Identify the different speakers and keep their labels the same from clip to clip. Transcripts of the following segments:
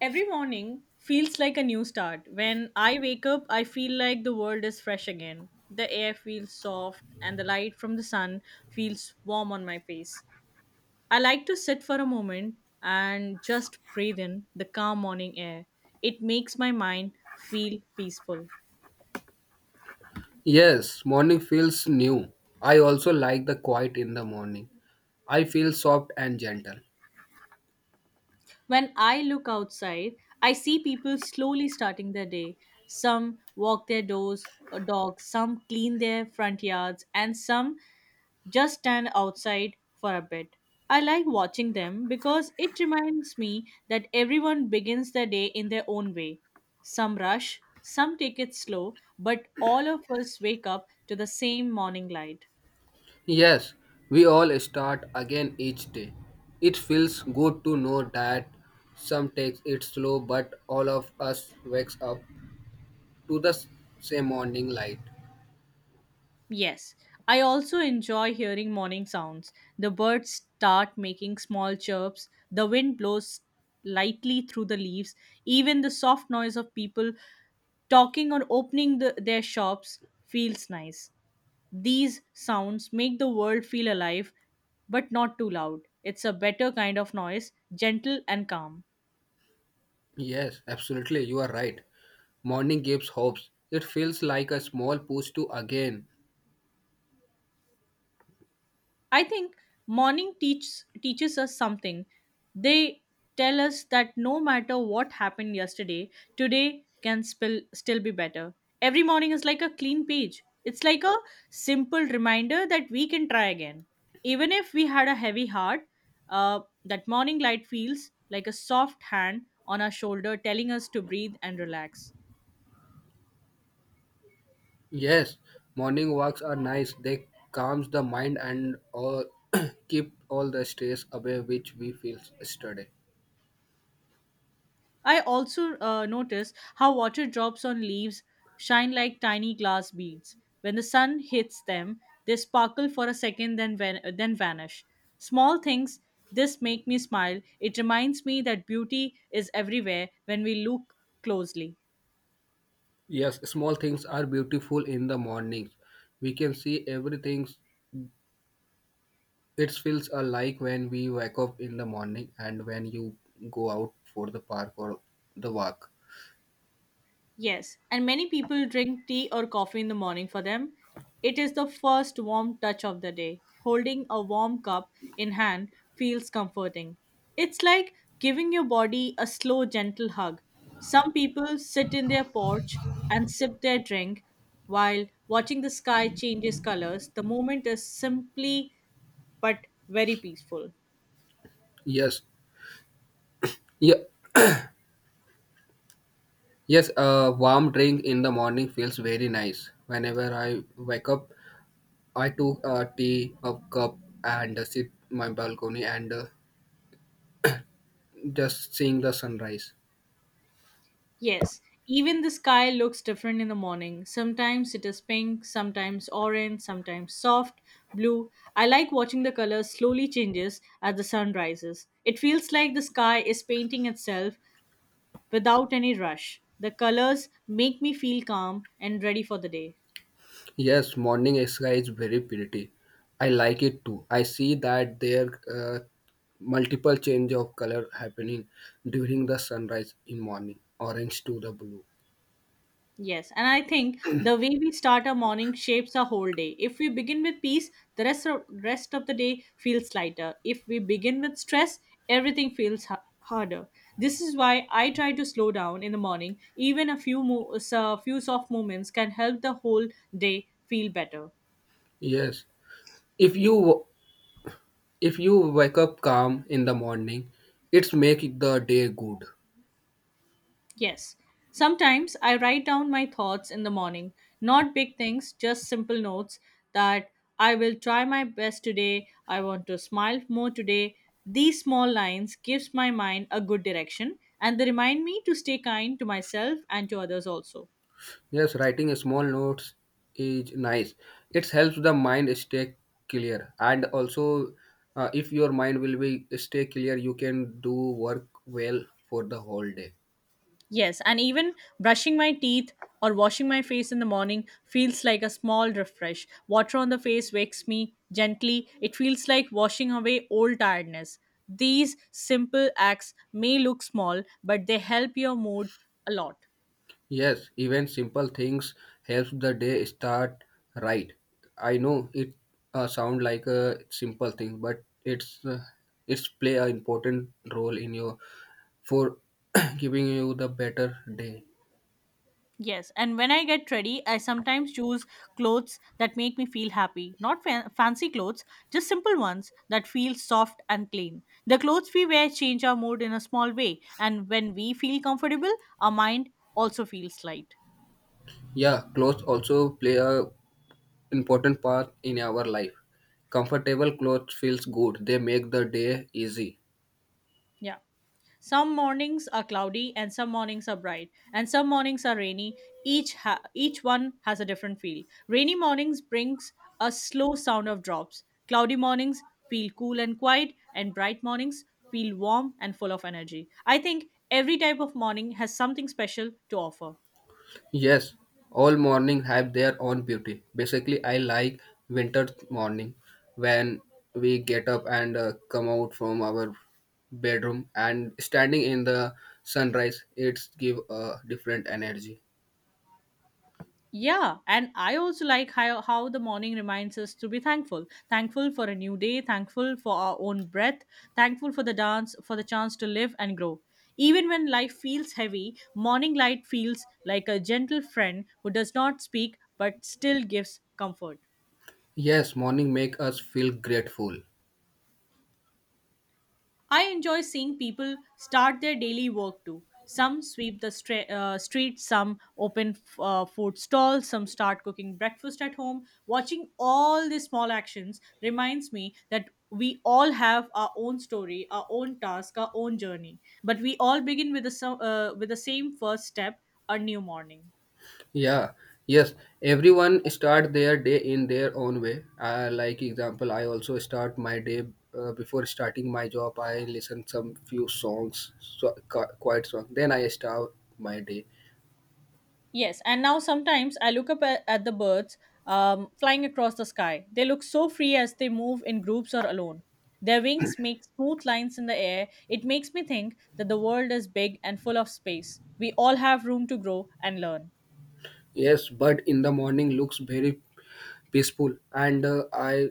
Speaker 1: Every morning feels like a new start. When I wake up, I feel like the world is fresh again. The air feels soft, and the light from the sun feels warm on my face. I like to sit for a moment and just breathe in the calm morning air. It makes my mind feel peaceful.
Speaker 2: Yes, morning feels new. I also like the quiet in the morning. I feel soft and gentle.
Speaker 1: When I look outside, I see people slowly starting their day. Some walk their doors or dogs, some clean their front yards, and some just stand outside for a bit. I like watching them because it reminds me that everyone begins the day in their own way. Some rush, some take it slow, but all of us wake up to the same morning light.
Speaker 2: Yes, we all start again each day. It feels good to know that some takes it slow, but all of us wakes up to the same morning light.
Speaker 1: Yes, I also enjoy hearing morning sounds. The birds start making small chirps, the wind blows lightly through the leaves, even the soft noise of people talking or opening their shops feels nice. These sounds make the world feel alive, but not too loud. It's a better kind of noise, gentle and calm.
Speaker 2: Yes, absolutely, you are right. Morning gives hopes. It feels like a small push to again.
Speaker 1: I think morning teach, teaches us something. They tell us that no matter what happened yesterday, today can still be better. Every morning is like a clean page. It's like a simple reminder that we can try again. Even if we had a heavy heart, that morning light feels like a soft hand on our shoulder telling us to breathe and relax.
Speaker 2: Yes, morning walks are nice. They calms the mind and all keep all the stress away which we feel yesterday.
Speaker 1: I also notice how water drops on leaves shine like tiny glass beads. When the sun hits them, they sparkle for a second, then vanish. Small things. This make me smile. It reminds me that beauty is everywhere when we look closely.
Speaker 2: Yes, small things are beautiful in the mornings. We can see everything. It feels alike when we wake up in the morning and when you go out for the park or the walk.
Speaker 1: Yes, and many people drink tea or coffee in the morning for them. It is the first warm touch of the day. Holding a warm cup in hand feels comforting. It's like giving your body a slow, gentle hug. Some people sit in their porch and sip their drink while watching the sky changes colors. The moment is simply but very peaceful.
Speaker 2: Yes, yeah, yes. A warm drink in the morning feels very nice. Whenever I wake up, I took a tea, a cup, and sit my balcony and just seeing the sunrise.
Speaker 1: Yes, even the sky looks different in the morning. Sometimes it is pink, sometimes orange, sometimes soft blue. I like watching the color slowly changes as the sun rises. It feels like the sky is painting itself without any rush. The colors make me feel calm and ready for the day.
Speaker 2: Yes, morning sky is very pretty. I like it too. I see that there multiple change of color happening during the sunrise in morning, orange to the blue.
Speaker 1: Yes, and I think the way we start our morning shapes our whole day. If we begin with peace, rest of the day feels lighter. If we begin with stress, everything feels harder. This is why I try to slow down in the morning. Even a few soft movements can help the whole day feel better.
Speaker 2: Yes, if you if you wake up calm in the morning, it's make the day good.
Speaker 1: Yes. Sometimes I write down my thoughts in the morning, not big things, just simple notes that I will try my best today, I want to smile more today. These small lines gives my mind a good direction and they remind me to stay kind to myself and to others also.
Speaker 2: Yes, writing small notes is nice. It helps the mind stay clear, and also, if your mind will be stay clear, you can do work well for the whole day.
Speaker 1: Yes, and even brushing my teeth or washing my face in the morning feels like a small refresh. Water on the face wakes me gently. It feels like washing away old tiredness. These simple acts may look small, but they help your mood a lot.
Speaker 2: Yes, even simple things helps the day start right. I know it sound like a simple thing, but it's play an important role in your for giving you the better day.
Speaker 1: Yes, and when I get ready, I sometimes choose clothes that make me feel happy. Not fa- fancy clothes, just simple ones that feel soft and clean. The clothes we wear change our mood in a small way, and when we feel comfortable, our mind also feels light.
Speaker 2: Yeah, clothes also play a important part in our life. Comfortable clothes feels good. They make the day easy.
Speaker 1: Yeah. Some mornings are cloudy and some mornings are bright and some mornings are rainy. Each one has a different feel. Rainy mornings brings a slow sound of drops. Cloudy mornings feel cool and quiet and bright mornings feel warm and full of energy. I think every type of morning has something special to offer.
Speaker 2: Yes, all morning have their own beauty. Basically, I like winter morning when we get up and come out from our bedroom and standing in the sunrise. It's give a different energy.
Speaker 1: Yeah, and I also like how the morning reminds us to be thankful. Thankful for a new day, thankful for our own breath, thankful for the dance, for the chance to live and grow. Even when life feels heavy, morning light feels like a gentle friend who does not speak but still gives comfort.
Speaker 2: Yes, morning make us feel grateful.
Speaker 1: I enjoy seeing people start their daily work too. Some sweep streets, some open food stalls, some start cooking breakfast at home. Watching all these small actions reminds me that we all have our own story, our own task, our own journey. But we all begin with the same first step, a new morning.
Speaker 2: Yeah, yes. Everyone start their day in their own way. Like example, I also start my day before starting my job. I listen some few songs, so, quiet song. Then I start my day.
Speaker 1: Yes, and now sometimes I look up at the birds flying across the sky. They look so free as they move in groups or alone. Their wings make smooth lines in the air. It makes me think that the world is big and full of space. We all have room to grow and learn.
Speaker 2: Yes, but in the morning looks very peaceful and I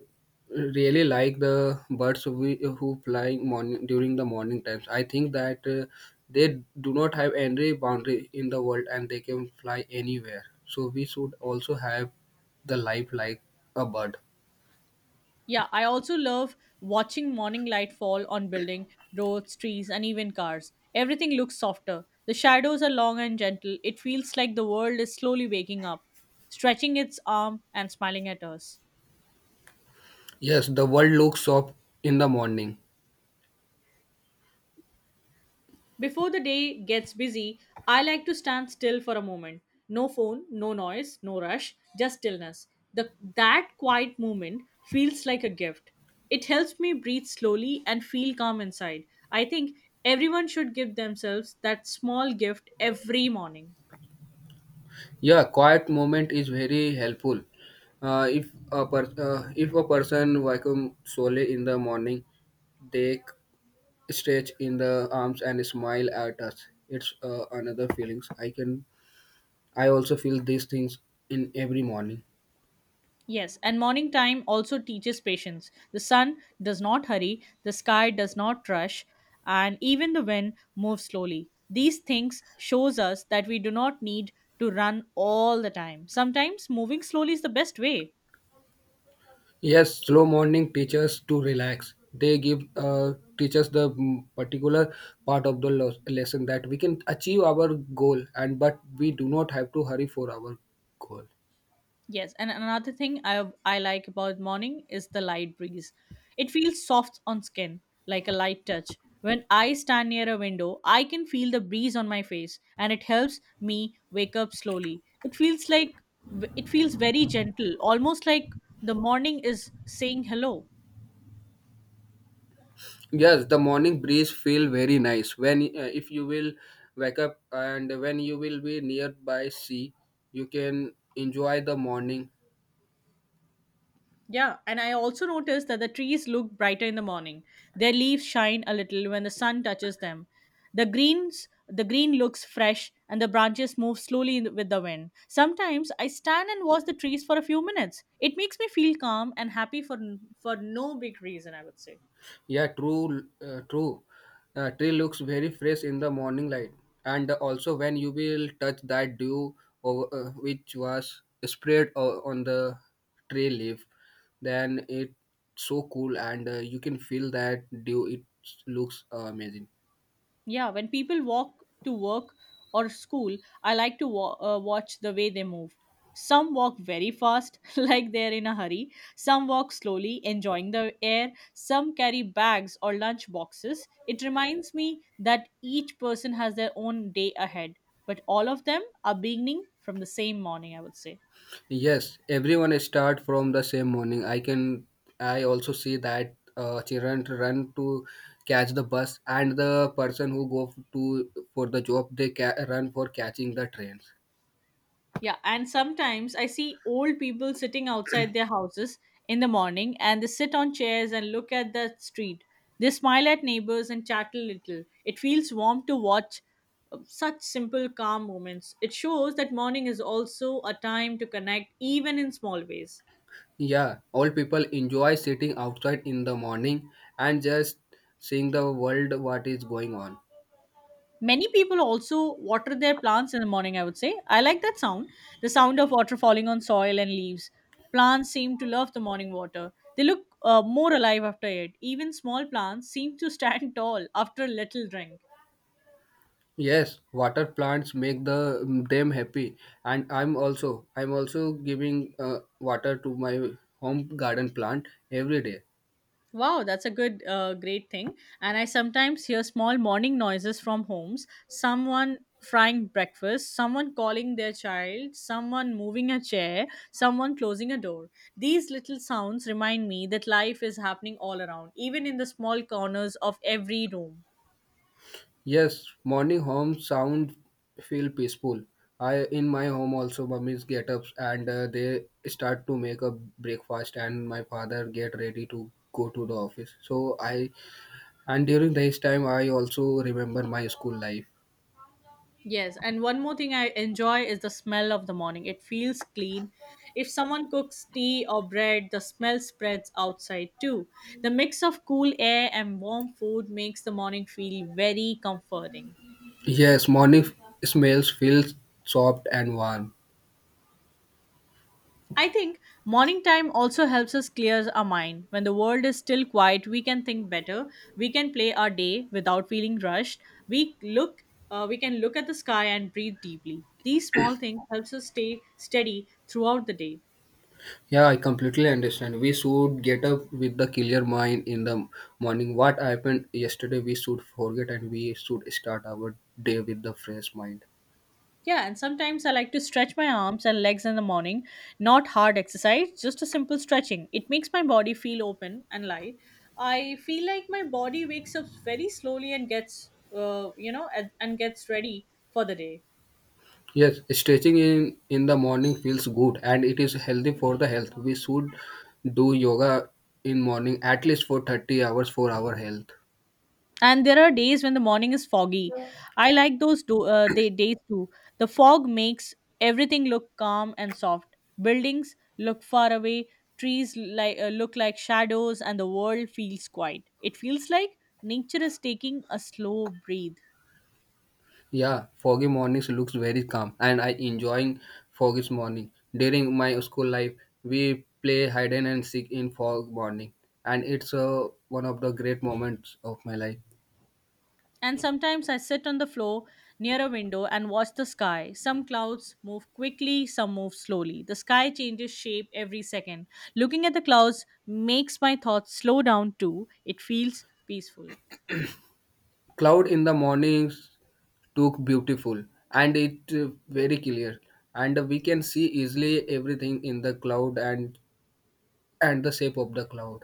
Speaker 2: really like the birds who fly morning during the morning times I think that they do not have any boundary in the world and they can fly anywhere, so we should also have the life like a bird.
Speaker 1: Yeah, I also love watching morning light fall on building, roads, trees, and even cars. Everything looks softer. The shadows are long and gentle. It feels like the world is slowly waking up, stretching its arm and smiling at us.
Speaker 2: Yes, the world looks up in the morning.
Speaker 1: Before the day gets busy, I like to stand still for a moment. No phone, no noise, no rush, just stillness. The, that quiet moment feels like a gift. It helps me breathe slowly and feel calm inside. I think everyone should give themselves that small gift every morning.
Speaker 2: Yeah, quiet moment is very helpful. Uh, if a person vacuum solely in the morning, they stretch in the arms and smile at us. It's another feelings. I can. I also feel these things in every morning.
Speaker 1: Yes, and morning time also teaches patience. The sun does not hurry, the sky does not rush, and even the wind moves slowly. These things shows us that we do not need to run all the time. Sometimes moving slowly is the best way.
Speaker 2: Yes, slow morning teachers to relax. They give teachers the particular part of the lesson that we can achieve our goal, and but we do not have to hurry for our goal.
Speaker 1: Yes, and another thing I like about morning is the light breeze. It feels soft on skin, like a light touch. When I stand near a window, I can feel the breeze on my face, and it helps me wake up slowly. It feels very gentle, almost like the morning is saying hello.
Speaker 2: Yes, the morning breeze feel very nice when if you will wake up and when you will be nearby sea, you can enjoy the morning.
Speaker 1: Yeah, and I also noticed that the trees look brighter in the morning. Their leaves shine a little when the sun touches them. The green looks fresh, and the branches move slowly with the wind. Sometimes I stand and watch the trees for a few minutes. It makes me feel calm and happy for no big reason, I would say.
Speaker 2: Yeah, true, true. Tree looks very fresh in the morning light, and also when you will touch that dew over, which was spread on the tree leaf, then it's so cool, and you can feel that dew. It looks amazing.
Speaker 1: Yeah, when people walk to work or school, I like to watch the way they move. Some walk very fast, like they're in a hurry. Some walk slowly, enjoying the air. Some carry bags or lunch boxes. It reminds me that each person has their own day ahead, but all of them are beginning from the same morning, I would say.
Speaker 2: Yes, everyone start from the same morning. I can. I also see that children run to catch the bus and the person who go to for the job they run for catching the trains.
Speaker 1: Yeah, and sometimes I see old people sitting outside their houses in the morning and they sit on chairs and look at the street. They smile at neighbors and chat a little. It feels warm to watch such simple, calm moments. It shows that morning is also a time to connect, even in small ways.
Speaker 2: Yeah, all people enjoy sitting outside in the morning and just seeing the world what is going on.
Speaker 1: Many people also water their plants in the morning, I would say. I like that sound, the sound of water falling on soil and leaves. Plants seem to love the morning water. They look more alive after it. Even small plants seem to stand tall after a little drink.
Speaker 2: Yes, water plants make the them happy and I'm also giving water to my home garden plant every day.
Speaker 1: Wow, that's a great thing. And I sometimes hear small morning noises from homes, someone frying breakfast, someone calling their child, someone moving a chair, someone closing a door. These little sounds remind me that life is happening all around, even in the small corners of every room.
Speaker 2: Yes, morning home sound feel peaceful. I in my home also mummies get up and they start to make a breakfast and my father get ready to go to the office. So I and during this time I also remember my school life.
Speaker 1: Yes, and one more thing I enjoy is the smell of the morning. It feels clean. If someone cooks tea or bread, the smell spreads outside too. The mix of cool air and warm food makes the morning feel very comforting.
Speaker 2: Yes, smells feel soft and warm.
Speaker 1: I think morning time also helps us clear our mind. When the world is still quiet, we can think better. We can play our day without feeling rushed. We look we can look at the sky and breathe deeply. These small things helps us stay steady throughout the day.
Speaker 2: Yeah, I completely understand. We should get up with the clear mind in the morning. What happened yesterday, we should forget and we should start our day with the fresh mind.
Speaker 1: Yeah, and sometimes I like to stretch my arms and legs in the morning. Not hard exercise, just a simple stretching. It makes my body feel open and light. I feel like my body wakes up very slowly and and gets ready for the day.
Speaker 2: Yes, stretching in the morning feels good and it is healthy for the health. We should do yoga in morning at least for 30 hours for our health.
Speaker 1: And there are days when the morning is foggy. I like those days too. The fog makes everything look calm and soft, buildings look far away, trees look like shadows, and the world feels quiet. It feels like nature is taking a slow breathe.
Speaker 2: Yeah, foggy mornings looks very calm and I enjoying foggy morning. During my school life, we play hide and seek in fog morning and it's one of the great moments of my life.
Speaker 1: And sometimes I sit on the floor near a window and watch the sky. Some clouds move quickly, some move slowly. The sky changes shape every second. Looking at the clouds makes my thoughts slow down too. It feels peaceful.
Speaker 2: Cloud in the mornings look beautiful and it very clear and we can see easily everything in the cloud and the shape of the cloud.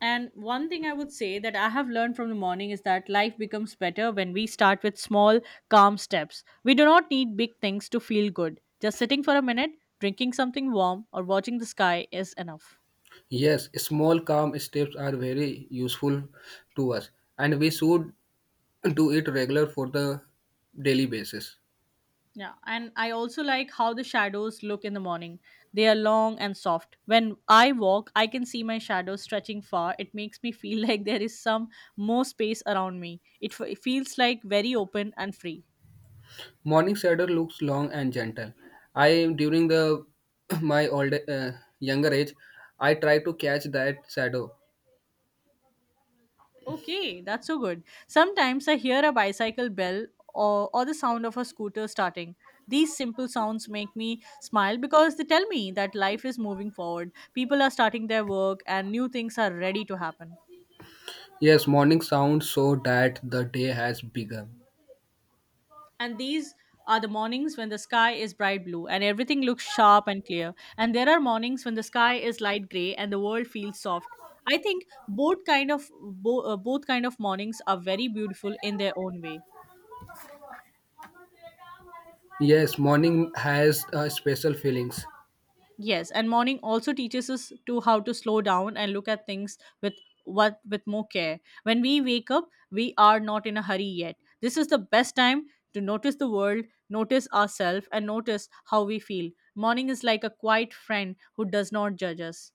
Speaker 1: And one thing I would say that I have learned from the morning is that life becomes better when we start with small, calm steps. We do not need big things to feel good. Just sitting for a minute, drinking something warm, or watching the sky is enough.
Speaker 2: Yes, small calm steps are very useful to us and we should do it regular for the daily basis.
Speaker 1: Yeah, and I also like how the shadows look in the morning. They are long and soft. When I walk, I can see my shadows stretching far. It makes me feel like there is some more space around me. It feels like very open and free.
Speaker 2: Morning shadow looks long and gentle. I during the my old younger age I try to catch that shadow.
Speaker 1: Okay, that's so good. Sometimes I hear a bicycle bell or the sound of a scooter starting. These simple sounds make me smile because they tell me that life is moving forward. People are starting their work and new things are ready to happen.
Speaker 2: Yes, morning sounds so that the day has begun.
Speaker 1: And these are the mornings when the sky is bright blue and everything looks sharp and clear. And there are mornings when the sky is light gray and the world feels soft. I think both kind of mornings are very beautiful in their own way.
Speaker 2: Yes, morning has special feelings.
Speaker 1: Yes, and morning also teaches us to how to slow down and look at things with what with more care. When we wake up, we are not in a hurry yet. This is the best time to notice the world, notice ourselves, and notice how we feel. Morning is like a quiet friend who does not judge us.